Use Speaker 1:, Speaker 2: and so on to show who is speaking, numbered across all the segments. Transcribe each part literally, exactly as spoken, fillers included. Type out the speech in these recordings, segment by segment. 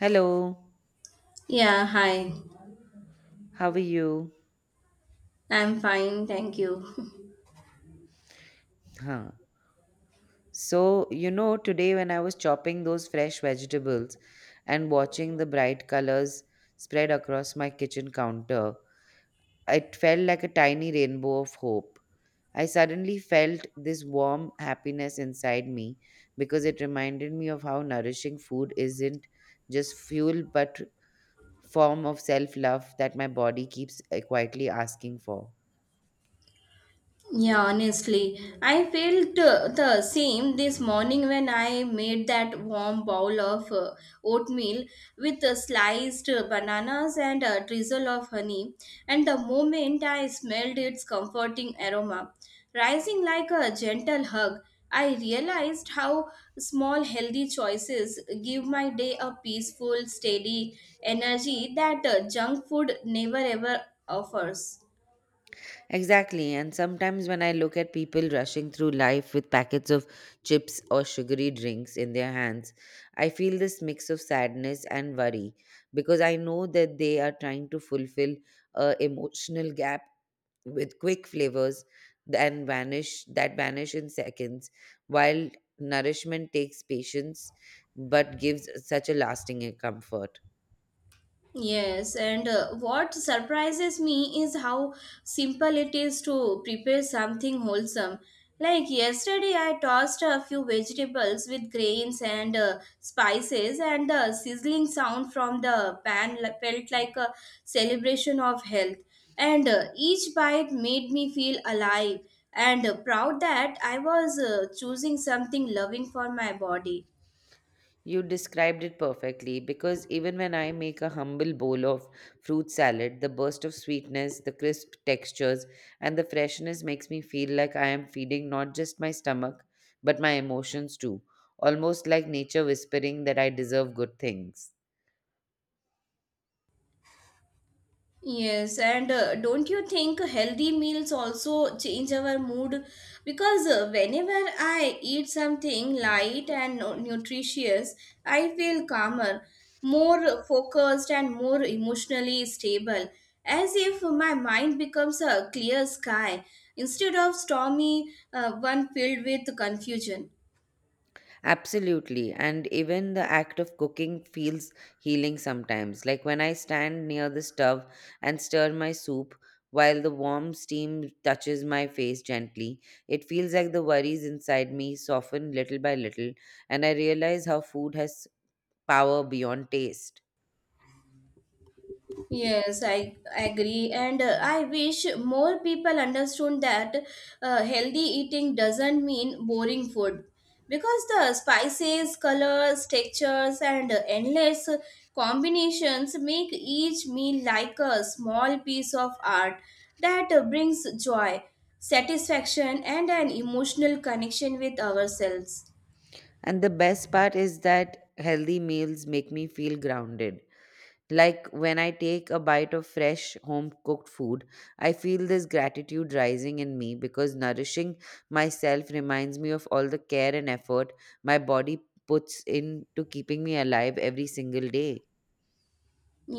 Speaker 1: Hello,
Speaker 2: Yeah, hi.
Speaker 1: how are you?
Speaker 2: I'm fine, thank you.
Speaker 1: Huh. So, you know, today when I was chopping those fresh vegetables and watching the bright colors spread across my kitchen counter, it felt like a tiny rainbow of hope. I suddenly felt this warm happiness inside me because it reminded me of how nourishing food isn't just fuel but form of self-love that my body keeps uh, quietly asking for.
Speaker 2: Yeah, honestly, I felt uh, the same this morning when I made that warm bowl of uh, oatmeal with uh, sliced uh, bananas and a drizzle of honey. And the moment I smelled its comforting aroma, rising like a gentle hug, I realized how small healthy choices give my day a peaceful, steady energy that uh, junk food never ever offers.
Speaker 1: Exactly. And sometimes when I look at people rushing through life with packets of chips or sugary drinks in their hands, I feel this mix of sadness and worry because I know that they are trying to fulfill a emotional gap with quick flavors and vanish that vanish in seconds while nourishment takes patience but gives such a lasting comfort.
Speaker 2: Yes, and uh, what surprises me is how simple it is to prepare something wholesome. Like yesterday, I tossed a few vegetables with grains and uh, spices, and the sizzling sound from the pan li- felt like a celebration of health. And uh, each bite made me feel alive and uh, proud that I was uh, choosing something loving for my body.
Speaker 1: You described it perfectly because even when I make a humble bowl of fruit salad, the burst of sweetness, the crisp textures, and the freshness makes me feel like I am feeding not just my stomach, but my emotions too, almost like nature whispering that I deserve good things.
Speaker 2: Yes, and uh, don't you think healthy meals also change our mood? Because uh, whenever I eat something light and nu- nutritious, I feel calmer, more focused, and more emotionally stable, as if my mind becomes a clear sky instead of stormy uh, one filled with confusion.
Speaker 1: Absolutely. And even the act of cooking feels healing sometimes. Like when I stand near the stove and stir my soup while the warm steam touches my face gently, it feels like the worries inside me soften little by little, and I realize how food has power beyond taste.
Speaker 2: Yes, I agree, and uh, I wish more people understood that uh, healthy eating doesn't mean boring food because the spices, colors, textures, and endless combinations make each meal like a small piece of art that uh, brings joy, satisfaction, and an emotional connection with ourselves.
Speaker 1: And the best part is that healthy meals make me feel grounded. Like when I take a bite of fresh home cooked food, I feel this gratitude rising in me because nourishing myself reminds me of all the care and effort my body puts into keeping me alive every single day.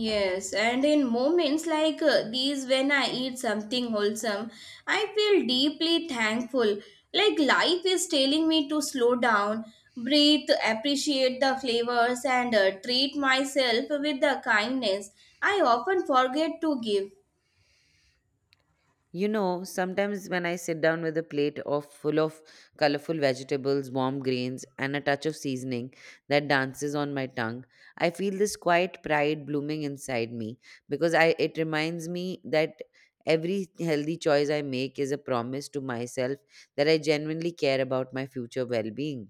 Speaker 2: Yes, and in moments like uh, these, when I eat something wholesome, I feel deeply thankful. Like life is telling me to slow down, breathe, appreciate the flavors, and uh, treat myself with the kindness I often forget to give.
Speaker 1: You know, sometimes when I sit down with a plate of full of colorful vegetables, warm grains, and a touch of seasoning that dances on my tongue, I feel this quiet pride blooming inside me because I it reminds me that every healthy choice I make is a promise to myself that I genuinely care about my future well-being.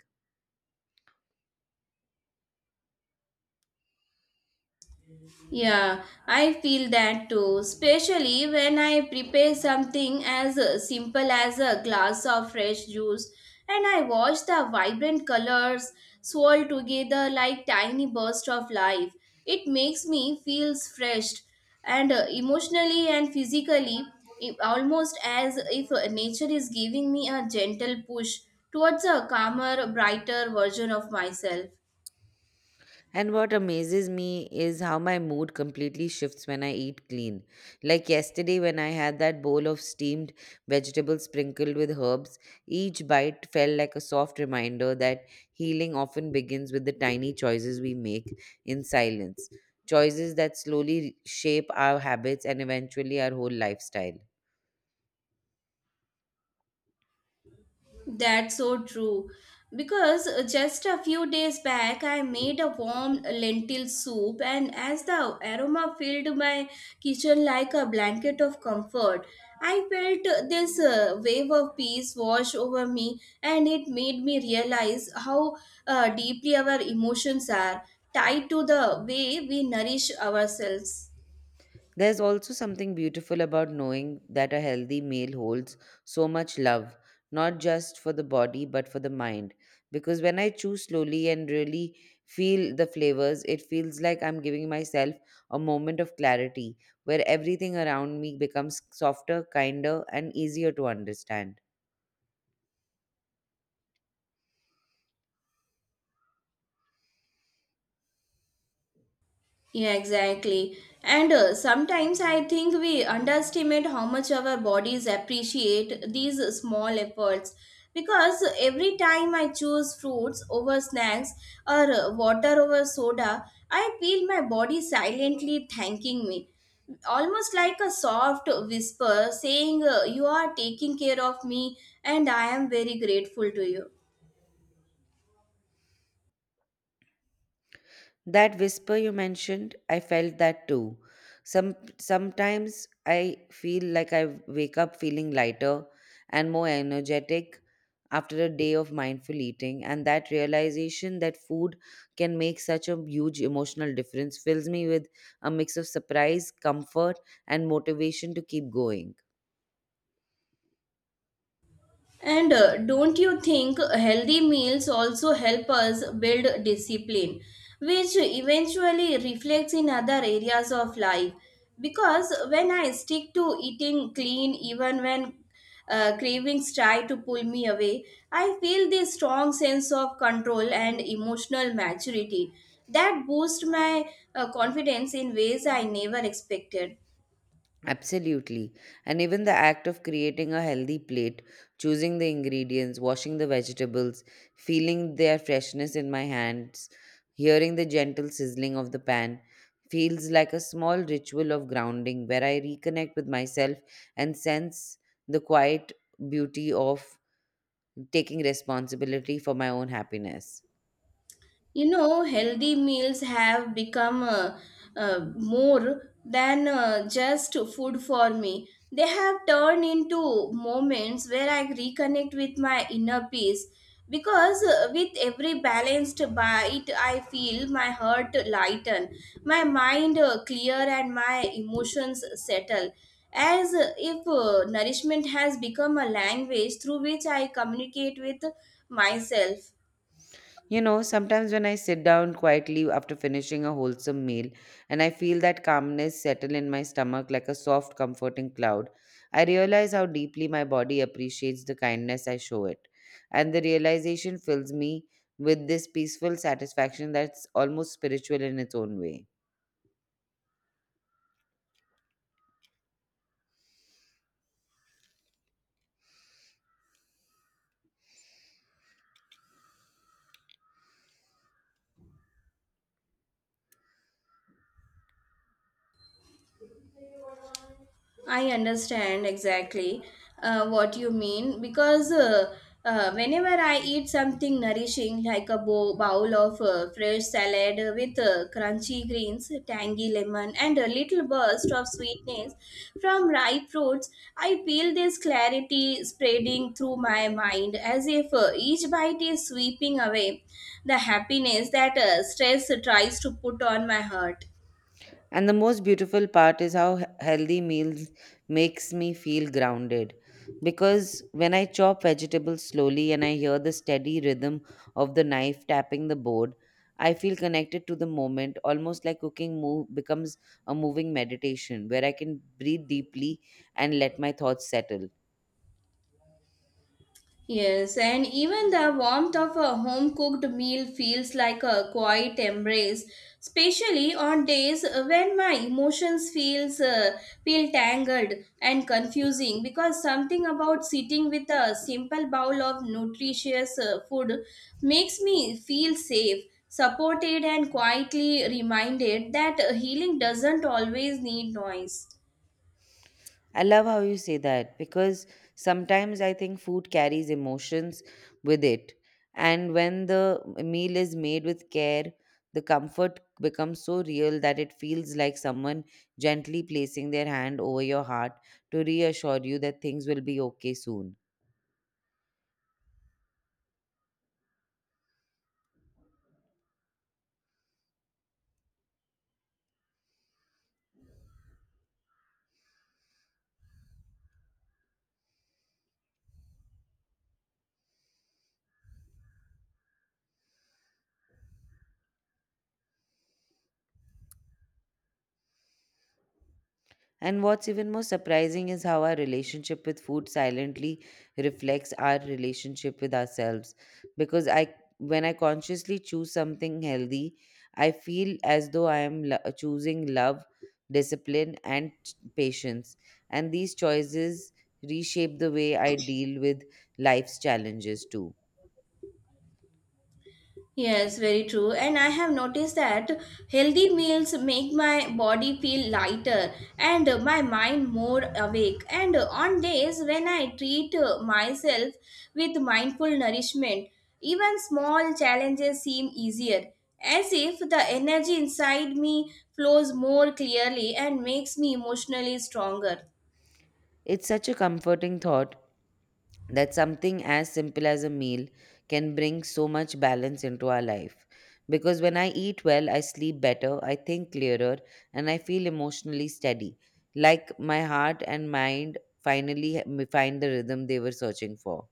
Speaker 2: Yeah, I feel that too, especially when I prepare something as uh, simple as a glass of fresh juice and I watch the vibrant colors swirl together like tiny bursts of life. It makes me feel refreshed and uh, emotionally and physically i- almost as if uh, nature is giving me a gentle push towards a calmer, brighter version of myself.
Speaker 1: And what amazes me is how my mood completely shifts when I eat clean. Like yesterday, when I had that bowl of steamed vegetables sprinkled with herbs, each bite felt like a soft reminder that healing often begins with the tiny choices we make in silence. Choices that slowly shape our habits and eventually our whole lifestyle.
Speaker 2: That's so true. Because uh, just a few days back, I made a warm lentil soup, and as the aroma filled my kitchen like a blanket of comfort, I felt uh, this uh, wave of peace wash over me, and it made me realize how uh, deeply our emotions are tied to the way we nourish ourselves.
Speaker 1: There's also something beautiful about knowing that a healthy meal holds so much love, not just for the body but for the mind. Because when I chew slowly and really feel the flavors, it feels like I'm giving myself a moment of clarity where everything around me becomes softer, kinder, and easier to understand.
Speaker 2: Yeah, exactly. And uh, sometimes I think we underestimate how much our bodies appreciate these small efforts. Because every time I choose fruits over snacks or uh, water over soda, I feel my body silently thanking me. Almost like a soft whisper saying, uh, you are taking care of me and I am very grateful to you.
Speaker 1: That whisper you mentioned, I felt that too. Some sometimes I feel like I wake up feeling lighter and more energetic after a day of mindful eating, and that realization that food can make such a huge emotional difference fills me with a mix of surprise, comfort, and motivation to keep going.
Speaker 2: And uh, don't you think healthy meals also help us build discipline, which eventually reflects in other areas of life? Because when I stick to eating clean, even when uh, cravings try to pull me away, I feel this strong sense of control and emotional maturity that boosts my uh, confidence in ways I never expected.
Speaker 1: Absolutely. And even the act of creating a healthy plate, choosing the ingredients, washing the vegetables, feeling their freshness in my hands, hearing the gentle sizzling of the pan, feels like a small ritual of grounding where I reconnect with myself and sense the quiet beauty of taking responsibility for my own happiness.
Speaker 2: You know, healthy meals have become uh, uh, more than uh, just food for me. They have turned into moments where I reconnect with my inner peace because uh, with every balanced bite I feel my heart lighten, my mind uh, clear, and my emotions settle as uh, if uh, nourishment has become a language through which I communicate with myself.
Speaker 1: You know, sometimes when I sit down quietly after finishing a wholesome meal and I feel that calmness settle in my stomach like a soft, comforting cloud, I realize how deeply my body appreciates the kindness I show it. And the realization fills me with this peaceful satisfaction that's almost spiritual in its own way.
Speaker 2: I understand exactly uh, what you mean because uh, uh, whenever I eat something nourishing like a bow- bowl of uh, fresh salad with uh, crunchy greens, tangy lemon, and a little burst of sweetness from ripe fruits, I feel this clarity spreading through my mind as if uh, each bite is sweeping away the happiness that uh, stress tries to put on my heart.
Speaker 1: And the most beautiful part is how he- healthy meals makes me feel grounded, because when I chop vegetables slowly and I hear the steady rhythm of the knife tapping the board, I feel connected to the moment, almost like cooking move becomes a moving meditation where I can breathe deeply and let my thoughts settle.
Speaker 2: Yes, and even the warmth of a home cooked meal feels like a quiet embrace, especially on days when my emotions feels uh, feel tangled and confusing because something about sitting with a simple bowl of nutritious uh, food makes me feel safe, supported and quietly reminded that uh, healing doesn't always need noise.
Speaker 1: I love how you say that because sometimes I think food carries emotions with it. And when the meal is made with care, the comfort becomes so real that it feels like someone gently placing their hand over your heart to reassure you that things will be okay soon. And what's even more surprising is how our relationship with food silently reflects our relationship with ourselves. Because I, when I consciously choose something healthy, I feel as though I am lo- choosing love, discipline, and patience. And these choices reshape the way I deal with life's challenges too.
Speaker 2: Yes, very true. And I have noticed that healthy meals make my body feel lighter and uh, my mind more awake. And uh, on days when I treat uh, myself with mindful nourishment, even small challenges seem easier, as if the energy inside me flows more clearly and makes me emotionally stronger.
Speaker 1: It's such a comforting thought that something as simple as a meal can bring so much balance into our life. Because when I eat well, I sleep better, I think clearer, and I feel emotionally steady. Like my heart and mind finally h- find the rhythm they were searching for.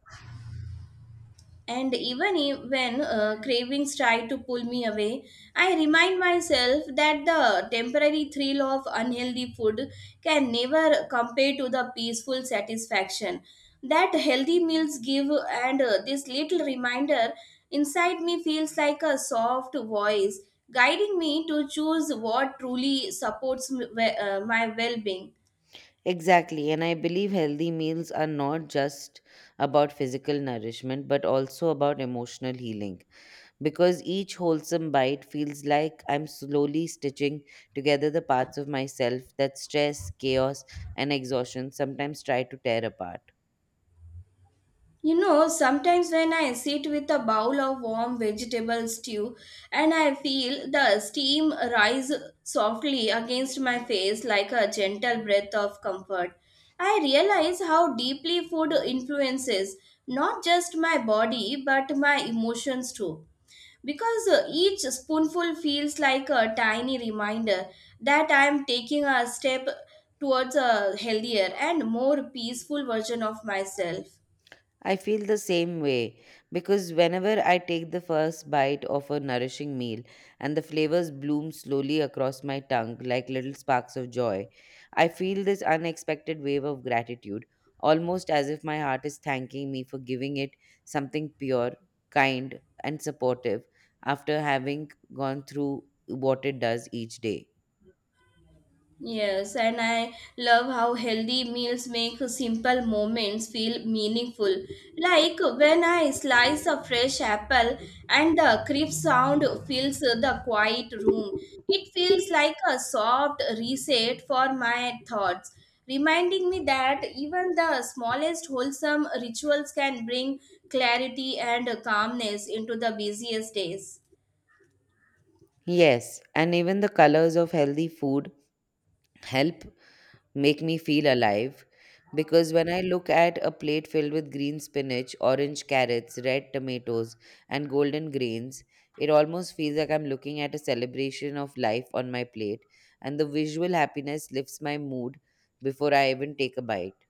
Speaker 2: And even i- when uh, cravings try to pull me away, I remind myself that the temporary thrill of unhealthy food can never compare to the peaceful satisfaction that healthy meals give. And uh, this little reminder inside me feels like a soft voice guiding me to choose what truly supports m- we- uh, my well being.
Speaker 1: Exactly, and I believe healthy meals are not just about physical nourishment but also about emotional healing, because each wholesome bite feels like I'm slowly stitching together the parts of myself that stress, chaos, and exhaustion sometimes try to tear apart.
Speaker 2: You know, sometimes when I sit with a bowl of warm vegetable stew and I feel the steam rise softly against my face like a gentle breath of comfort, I realize how deeply food influences not just my body but my emotions too. Because uh, each spoonful feels like a tiny reminder that I am taking a step towards a healthier and more peaceful version of myself.
Speaker 1: I feel the same way because whenever I take the first bite of a nourishing meal and the flavors bloom slowly across my tongue like little sparks of joy, I feel this unexpected wave of gratitude, almost as if my heart is thanking me for giving it something pure, kind, and supportive after having gone through what it does each day.
Speaker 2: Yes, and I love how healthy meals make simple moments feel meaningful. Like when I slice a fresh apple and the crisp sound fills the quiet room. It feels like a soft reset for my thoughts, reminding me that even the smallest wholesome rituals can bring clarity and calmness into the busiest days.
Speaker 1: Yes, and even the colors of healthy food help make me feel alive, because when I look at a plate filled with green spinach, orange carrots, red tomatoes, and golden grains, it almost feels like I'm looking at a celebration of life on my plate, and the visual happiness lifts my mood before I even take a bite.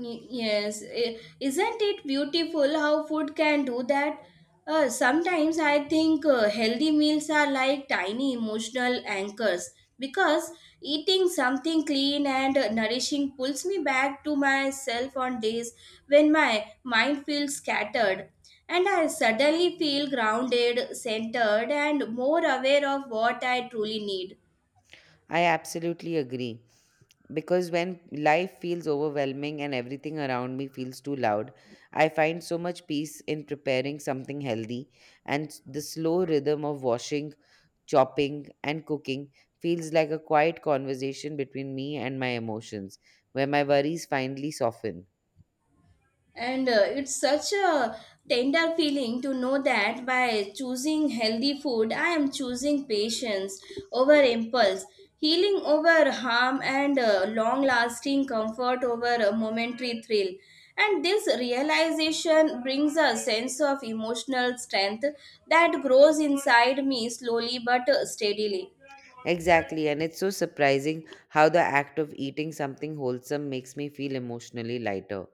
Speaker 2: Y- Yes, I- isn't it beautiful how food can do that? Uh, sometimes I think uh, healthy meals are like tiny emotional anchors because eating something clean and uh, nourishing pulls me back to myself on days when my mind feels scattered. And I suddenly feel grounded, centered, and more aware of what I truly need.
Speaker 1: I absolutely agree, because when life feels overwhelming and everything around me feels too loud, I find so much peace in preparing something healthy, and s- the slow rhythm of washing, chopping, and cooking feels like a quiet conversation between me and my emotions, where my worries finally soften.
Speaker 2: And uh, it's such a tender feeling to know that by choosing healthy food, I am choosing patience over impulse, healing over harm, and uh, long lasting comfort over a momentary thrill. And this realization brings a sense of emotional strength that grows inside me slowly but uh, steadily.
Speaker 1: Exactly, and it's so surprising how the act of eating something wholesome makes me feel emotionally lighter.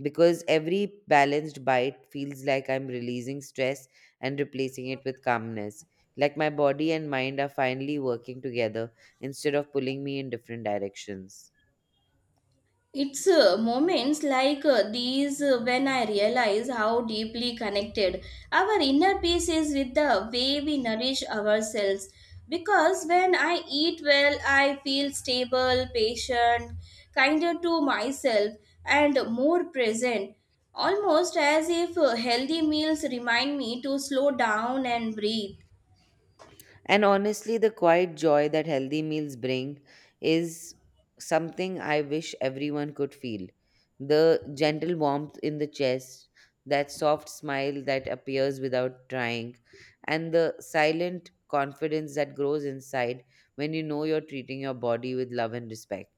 Speaker 1: Because every balanced bite feels like I'm releasing stress and replacing it with calmness. Like my body and mind are finally working together instead of pulling me in different directions.
Speaker 2: It's uh, moments like uh, these uh, when I realize how deeply connected our inner peace is with the way we nourish ourselves. Because when I eat well, I feel stable, patient, kinder to myself, and more present. Almost as if uh, healthy meals remind me to slow down and breathe.
Speaker 1: And honestly, the quiet joy that healthy meals bring is something I wish everyone could feel. The gentle warmth in the chest, that soft smile that appears without trying, and the silent confidence that grows inside when you know you're treating your body with love and respect.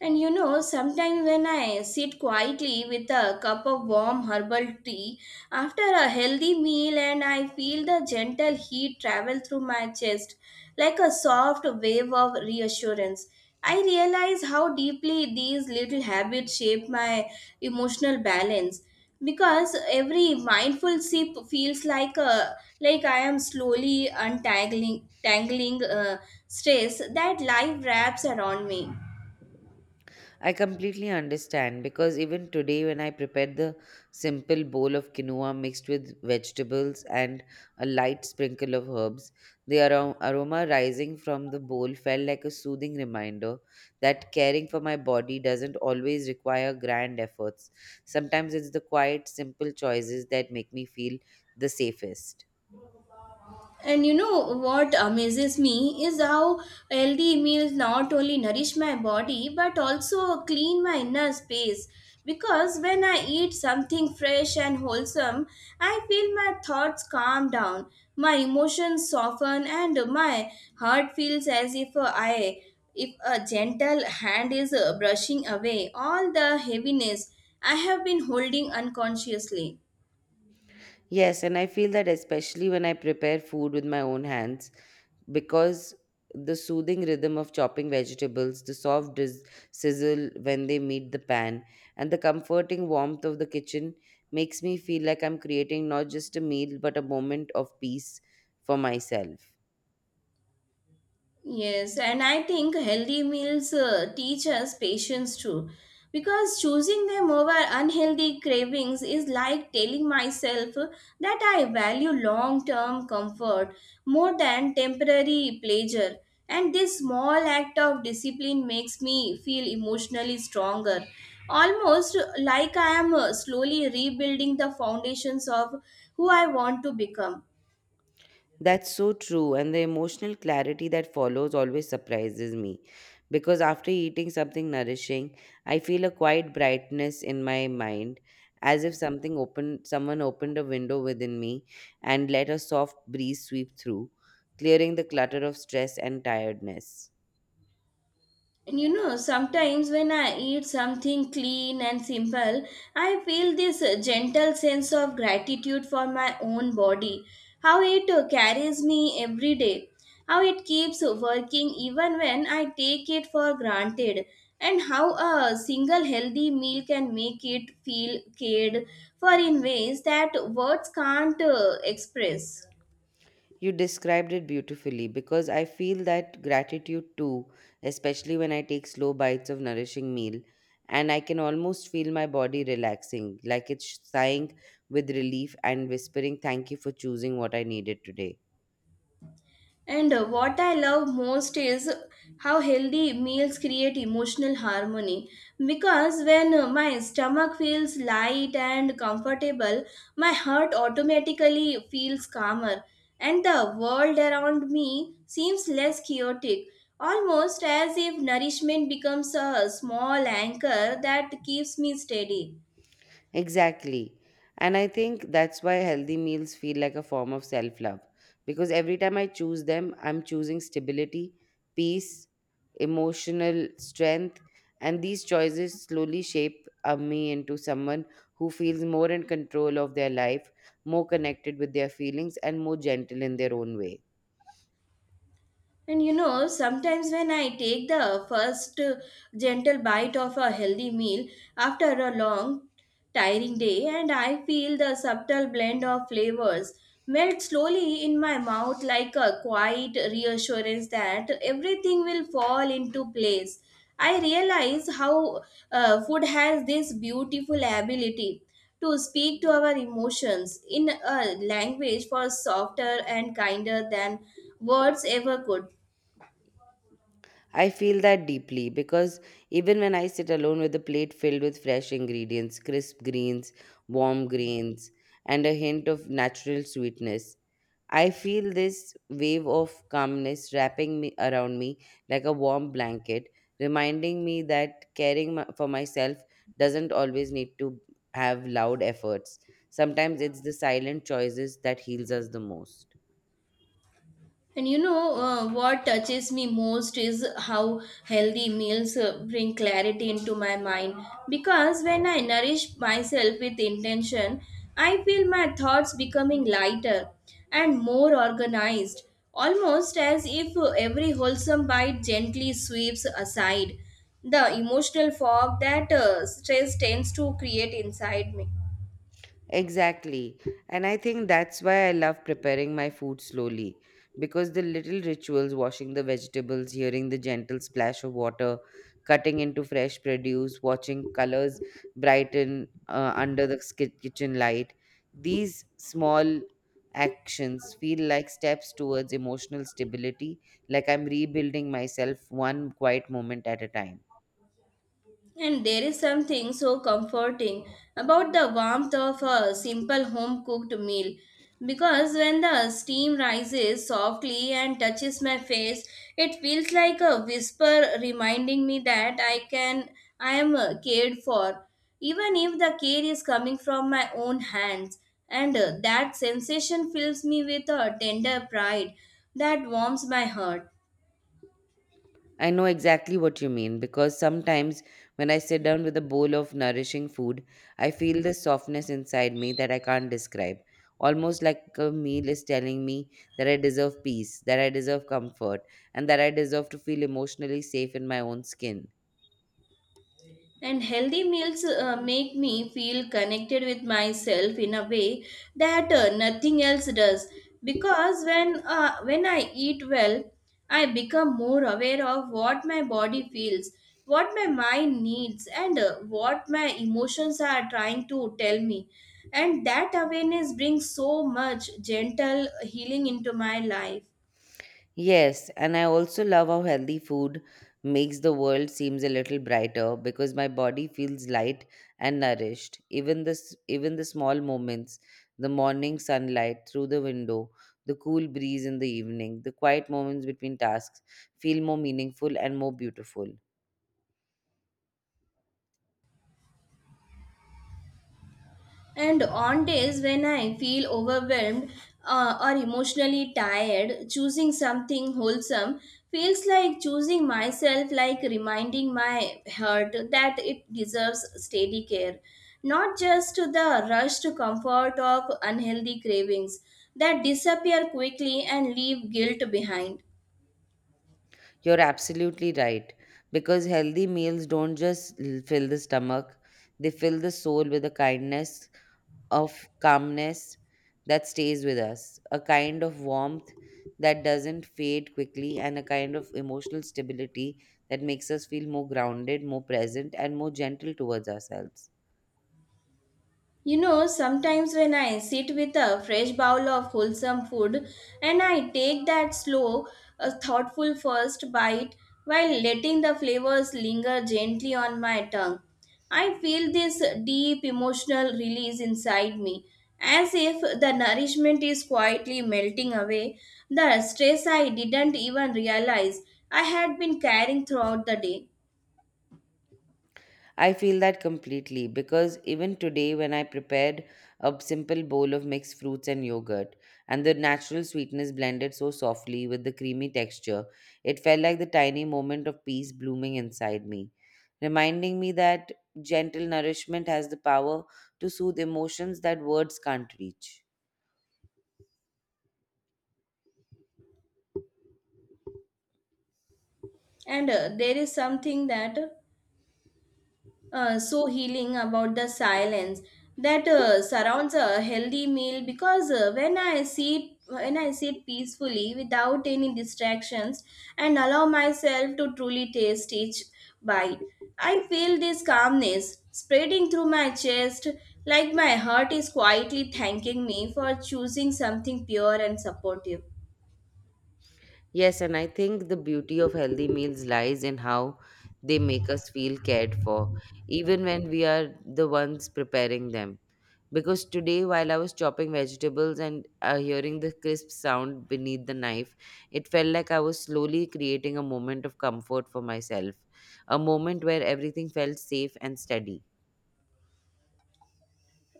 Speaker 2: And you know, sometimes when I sit quietly with a cup of warm herbal tea after a healthy meal, and I feel the gentle heat travel through my chest like a soft wave of reassurance, I realize how deeply these little habits shape my emotional balance because every mindful sip feels like a like I am slowly untangling tangling uh, stress that life wraps around me.
Speaker 1: I completely understand because even today, when I prepared the simple bowl of quinoa mixed with vegetables and a light sprinkle of herbs, the aro- aroma rising from the bowl felt like a soothing reminder that caring for my body doesn't always require grand efforts. Sometimes it's the quiet, simple choices that make me feel the safest.
Speaker 2: And you know what amazes me is how healthy meals not only nourish my body but also clean my inner space. Because when I eat something fresh and wholesome, I feel my thoughts calm down, my emotions soften, and my heart feels as if I, if a gentle hand is uh, brushing away all the heaviness I have been holding unconsciously.
Speaker 1: Yes, and I feel that especially when I prepare food with my own hands, because the soothing rhythm of chopping vegetables, the soft dis- sizzle when they meet the pan, and the comforting warmth of the kitchen makes me feel like I'm creating not just a meal but a moment of peace for myself.
Speaker 2: Yes, and I think healthy meals uh, teach us patience too. Because choosing them over unhealthy cravings is like telling myself that I value long term comfort more than temporary pleasure. And this small act of discipline makes me feel emotionally stronger, almost like I am uh, slowly rebuilding the foundations of who I want to become.
Speaker 1: That's so true. And the emotional clarity that follows always surprises me. Because after eating something nourishing, I feel a quiet brightness in my mind, as if something opened, someone opened a window within me and let a soft breeze sweep through, clearing the clutter of stress and tiredness.
Speaker 2: And you know, sometimes when I eat something clean and simple, I feel this uh, gentle sense of gratitude for my own body, how it uh, carries me every day, how it keeps working even when I take it for granted, and how a single healthy meal can make it feel cared for in ways that words can't uh, express.
Speaker 1: You described it beautifully because I feel that gratitude too, especially when I take slow bites of nourishing meal and I can almost feel my body relaxing, like it's sighing with relief and whispering, "Thank you for choosing what I needed today."
Speaker 2: And uh, what I love most is how healthy meals create emotional harmony. Because when uh, my stomach feels light and comfortable, my heart automatically feels calmer, and the world around me seems less chaotic. Almost as if nourishment becomes a small anchor that keeps me steady.
Speaker 1: Exactly. And I think that's why healthy meals feel like a form of self love. Because every time I choose them, I'm choosing stability, peace, emotional strength. And these choices slowly shape uh, me into someone who feels more in control of their life, more connected with their feelings, and more gentle in their own way.
Speaker 2: And you know, sometimes when I take the first uh, gentle bite of a healthy meal after a long, tiring day, and I feel the subtle blend of flavors melt slowly in my mouth like a quiet reassurance that everything will fall into place. I realize how uh, food has this beautiful ability to speak to our emotions in a language far softer and kinder than words ever could.
Speaker 1: I feel that deeply because even when I sit alone with a plate filled with fresh ingredients, crisp greens, warm grains, and a hint of natural sweetness, I feel this wave of calmness wrapping me around me like a warm blanket, reminding me that caring my- for myself doesn't always need to have loud efforts. Sometimes it's the silent choices that heals us the most.
Speaker 2: And you know uh, what touches me most is how healthy meals uh, bring clarity into my mind. Because when I nourish myself with intention, I feel my thoughts becoming lighter and more organized, almost as if uh, every wholesome bite gently sweeps aside the emotional fog that uh, stress tends to create inside me.
Speaker 1: Exactly. And I think that's why I love preparing my food slowly, because the little rituals, washing the vegetables, hearing the gentle splash of water, cutting into fresh produce, watching colors brighten uh, under the sk- kitchen light, these small actions feel like steps towards emotional stability, like I'm rebuilding myself one quiet moment at a time.
Speaker 2: And there is something so comforting about the warmth of a simple home cooked meal because when the steam rises softly and touches my face, it feels like a whisper reminding me that I can I am uh, cared for, even if the care is coming from my own hands. And uh, that sensation fills me with a tender pride that warms my heart.
Speaker 1: I know exactly what you mean because sometimes when I sit down with a bowl of nourishing food, I feel this softness inside me that I can't describe. Almost like a meal is telling me that I deserve peace, that I deserve comfort, and that I deserve to feel emotionally safe in my own skin.
Speaker 2: And healthy meals uh, make me feel connected with myself in a way that uh, nothing else does. Because when uh, when I eat well, I become more aware of what my body feels, what my mind needs, and uh, what my emotions are trying to tell me. And that awareness brings so much gentle healing into my life.
Speaker 1: Yes, and I also love how healthy food makes the world seems a little brighter because my body feels light and nourished. Even this, even the small moments, the morning sunlight through the window, the cool breeze in the evening, the quiet moments between tasks feel more meaningful and more beautiful.
Speaker 2: And on days when I feel overwhelmed uh, or emotionally tired, choosing something wholesome feels like choosing myself, like reminding my heart that it deserves steady care, not just the rushed comfort of unhealthy cravings that disappear quickly and leave guilt behind.
Speaker 1: You're absolutely right because healthy meals don't just l- fill the stomach, they fill the soul with a kindness of calmness that stays with us, a kind of warmth that doesn't fade quickly, and a kind of emotional stability that makes us feel more grounded, more present, and more gentle towards ourselves.
Speaker 2: You know, sometimes when I sit with a fresh bowl of wholesome food and I take that slow, uh, thoughtful first bite while letting the flavors linger gently on my tongue, I feel this deep emotional release inside me, as if the nourishment is quietly melting away the stress I didn't even realize I had been carrying throughout the day.
Speaker 1: I feel that completely because even today, when I prepared a simple bowl of mixed fruits and yogurt, and the natural sweetness blended so softly with the creamy texture, it felt like the tiny moment of peace blooming inside me, reminding me that gentle nourishment has the power to soothe emotions that words can't reach.
Speaker 2: And uh, there is something that uh, so healing about the silence that uh, surrounds a healthy meal because uh, when i sit when i sit peacefully without any distractions and allow myself to truly taste each bite. I feel this calmness spreading through my chest like my heart is quietly thanking me for choosing something pure and supportive.
Speaker 1: Yes, and I think the beauty of healthy meals lies in how they make us feel cared for, even when we are the ones preparing them. Because today, while I was chopping vegetables and uh, hearing the crisp sound beneath the knife, it felt like I was slowly creating a moment of comfort for myself, a moment where everything felt safe and steady.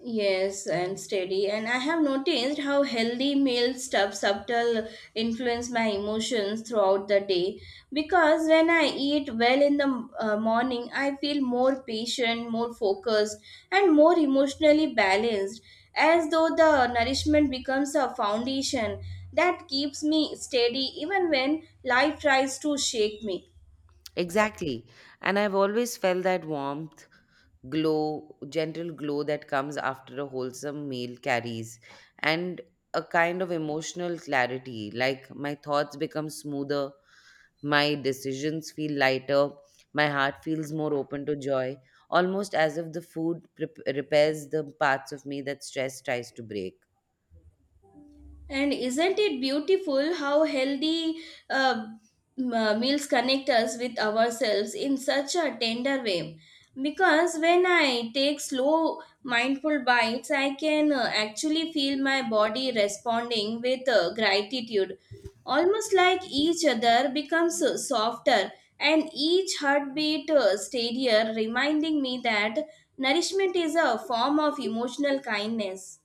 Speaker 2: Yes, and steady. And I have noticed how healthy meal stuff subtle influence my emotions throughout the day. Because when I eat well in the uh, morning, I feel more patient, more focused, and more emotionally balanced, as though the nourishment becomes a foundation that keeps me steady even when life tries to shake me.
Speaker 1: Exactly. And I've always felt that warmth, glow, gentle glow that comes after a wholesome meal carries, and a kind of emotional clarity, like my thoughts become smoother, my decisions feel lighter. My heart feels more open to joy, almost as if the food prep- repairs the parts of me that stress tries to break.
Speaker 2: And isn't it beautiful how healthy uh, m- uh, meals connect us with ourselves in such a tender way? Because when I take slow, mindful bites, I can uh, actually feel my body responding with uh, gratitude. Almost like each other becomes uh, softer and each heartbeat uh, steadier, reminding me that nourishment is a form of emotional kindness.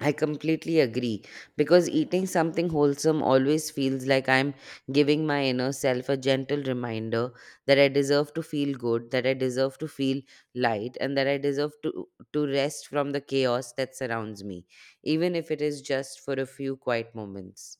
Speaker 1: I completely agree because eating something wholesome always feels like I'm giving my inner self a gentle reminder that I deserve to feel good, that I deserve to feel light, and that I deserve to, to rest from the chaos that surrounds me, even if it is just for a few quiet moments.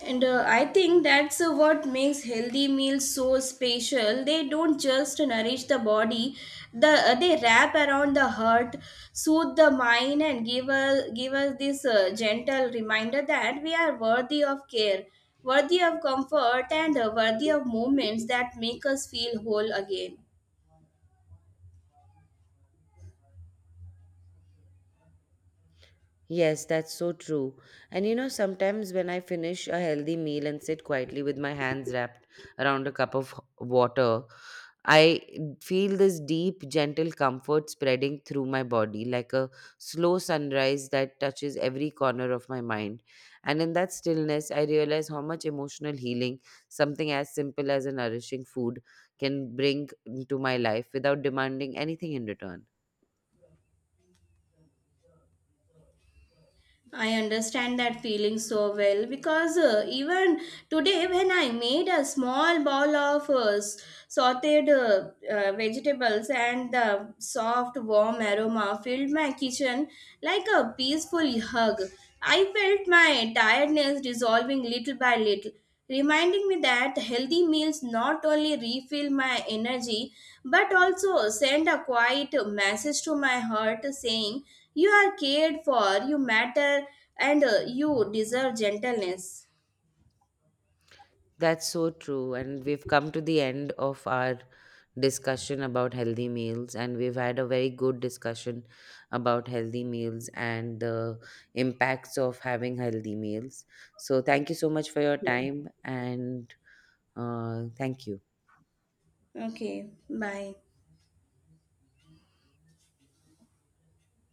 Speaker 2: And uh, I think that's uh, what makes healthy meals so special. They don't just nourish the body; the uh, they wrap around the heart, soothe the mind, and give us give us this uh, gentle reminder that we are worthy of care, worthy of comfort, and uh, worthy of moments that make us feel whole again.
Speaker 1: Yes, that's so true. And you know, sometimes when I finish a healthy meal and sit quietly with my hands wrapped around a cup of water, I feel this deep, gentle comfort spreading through my body like a slow sunrise that touches every corner of my mind. And in that stillness, I realize how much emotional healing something as simple as a nourishing food can bring into my life without demanding anything in return.
Speaker 2: I understand that feeling so well because uh, even today, when I made a small bowl of uh, s- sauteed uh, uh, vegetables and the soft, warm aroma filled my kitchen like a peaceful hug, I felt my tiredness dissolving little by little, reminding me that healthy meals not only refill my energy but also send a quiet message to my heart saying you are cared for, you matter, and uh, you deserve gentleness.
Speaker 1: That's so true. And we've come to the end of our discussion about healthy meals, and we've had a very good discussion about healthy meals and the impacts of having healthy meals. So, thank you so much for your time, and uh, thank you.
Speaker 2: Okay, bye.